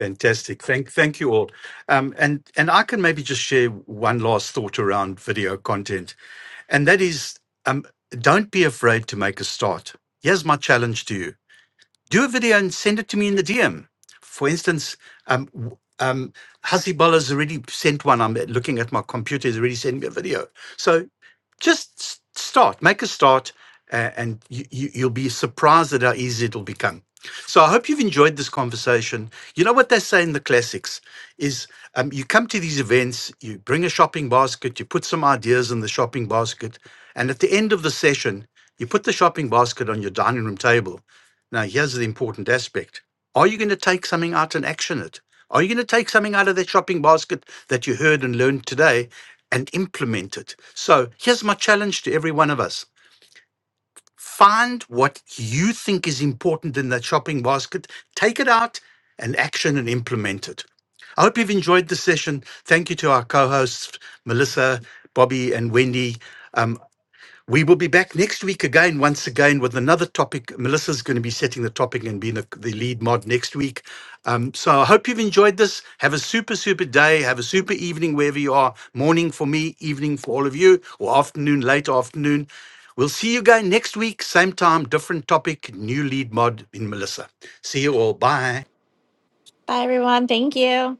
Fantastic. Thank thank you all. Um, and and I can maybe just share one last thought around video content, and that is um, don't be afraid to make a start. Here's my challenge to you. Do a video and send it to me in the DM. For instance, um, w- um, Hazibollah's already sent one. I'm looking at my computer. He's already sent me a video. So. Just s- start, make a start, uh, and you, you, you'll be surprised at how easy it'll become. So I hope you've enjoyed this conversation. You know what they say in the classics is um, you come to these events, you bring a shopping basket, you put some ideas in the shopping basket, and at the end of the session, you put the shopping basket on your dining room table. Now, here's the important aspect. Are you going to take something out and action it? Are you going to take something out of that shopping basket that you heard and learned today and implement it. So here's my challenge to every one of us. Find what you think is important in that shopping basket, take it out and action and implement it. I hope you've enjoyed the session. Thank you to our co hosts, Melissa, Bobby, and Wendy. Um, we will be back next week again, once again, with another topic. Melissa's going to be setting the topic and being the, the lead mod next week. Um, so I hope you've enjoyed this. Have a super, super day. Have a super evening wherever you are. Morning for me, evening for all of you, or afternoon, late afternoon. We'll see you again next week, same time, different topic, new lead mod in Melissa. See you all. Bye. Bye, everyone. Thank you.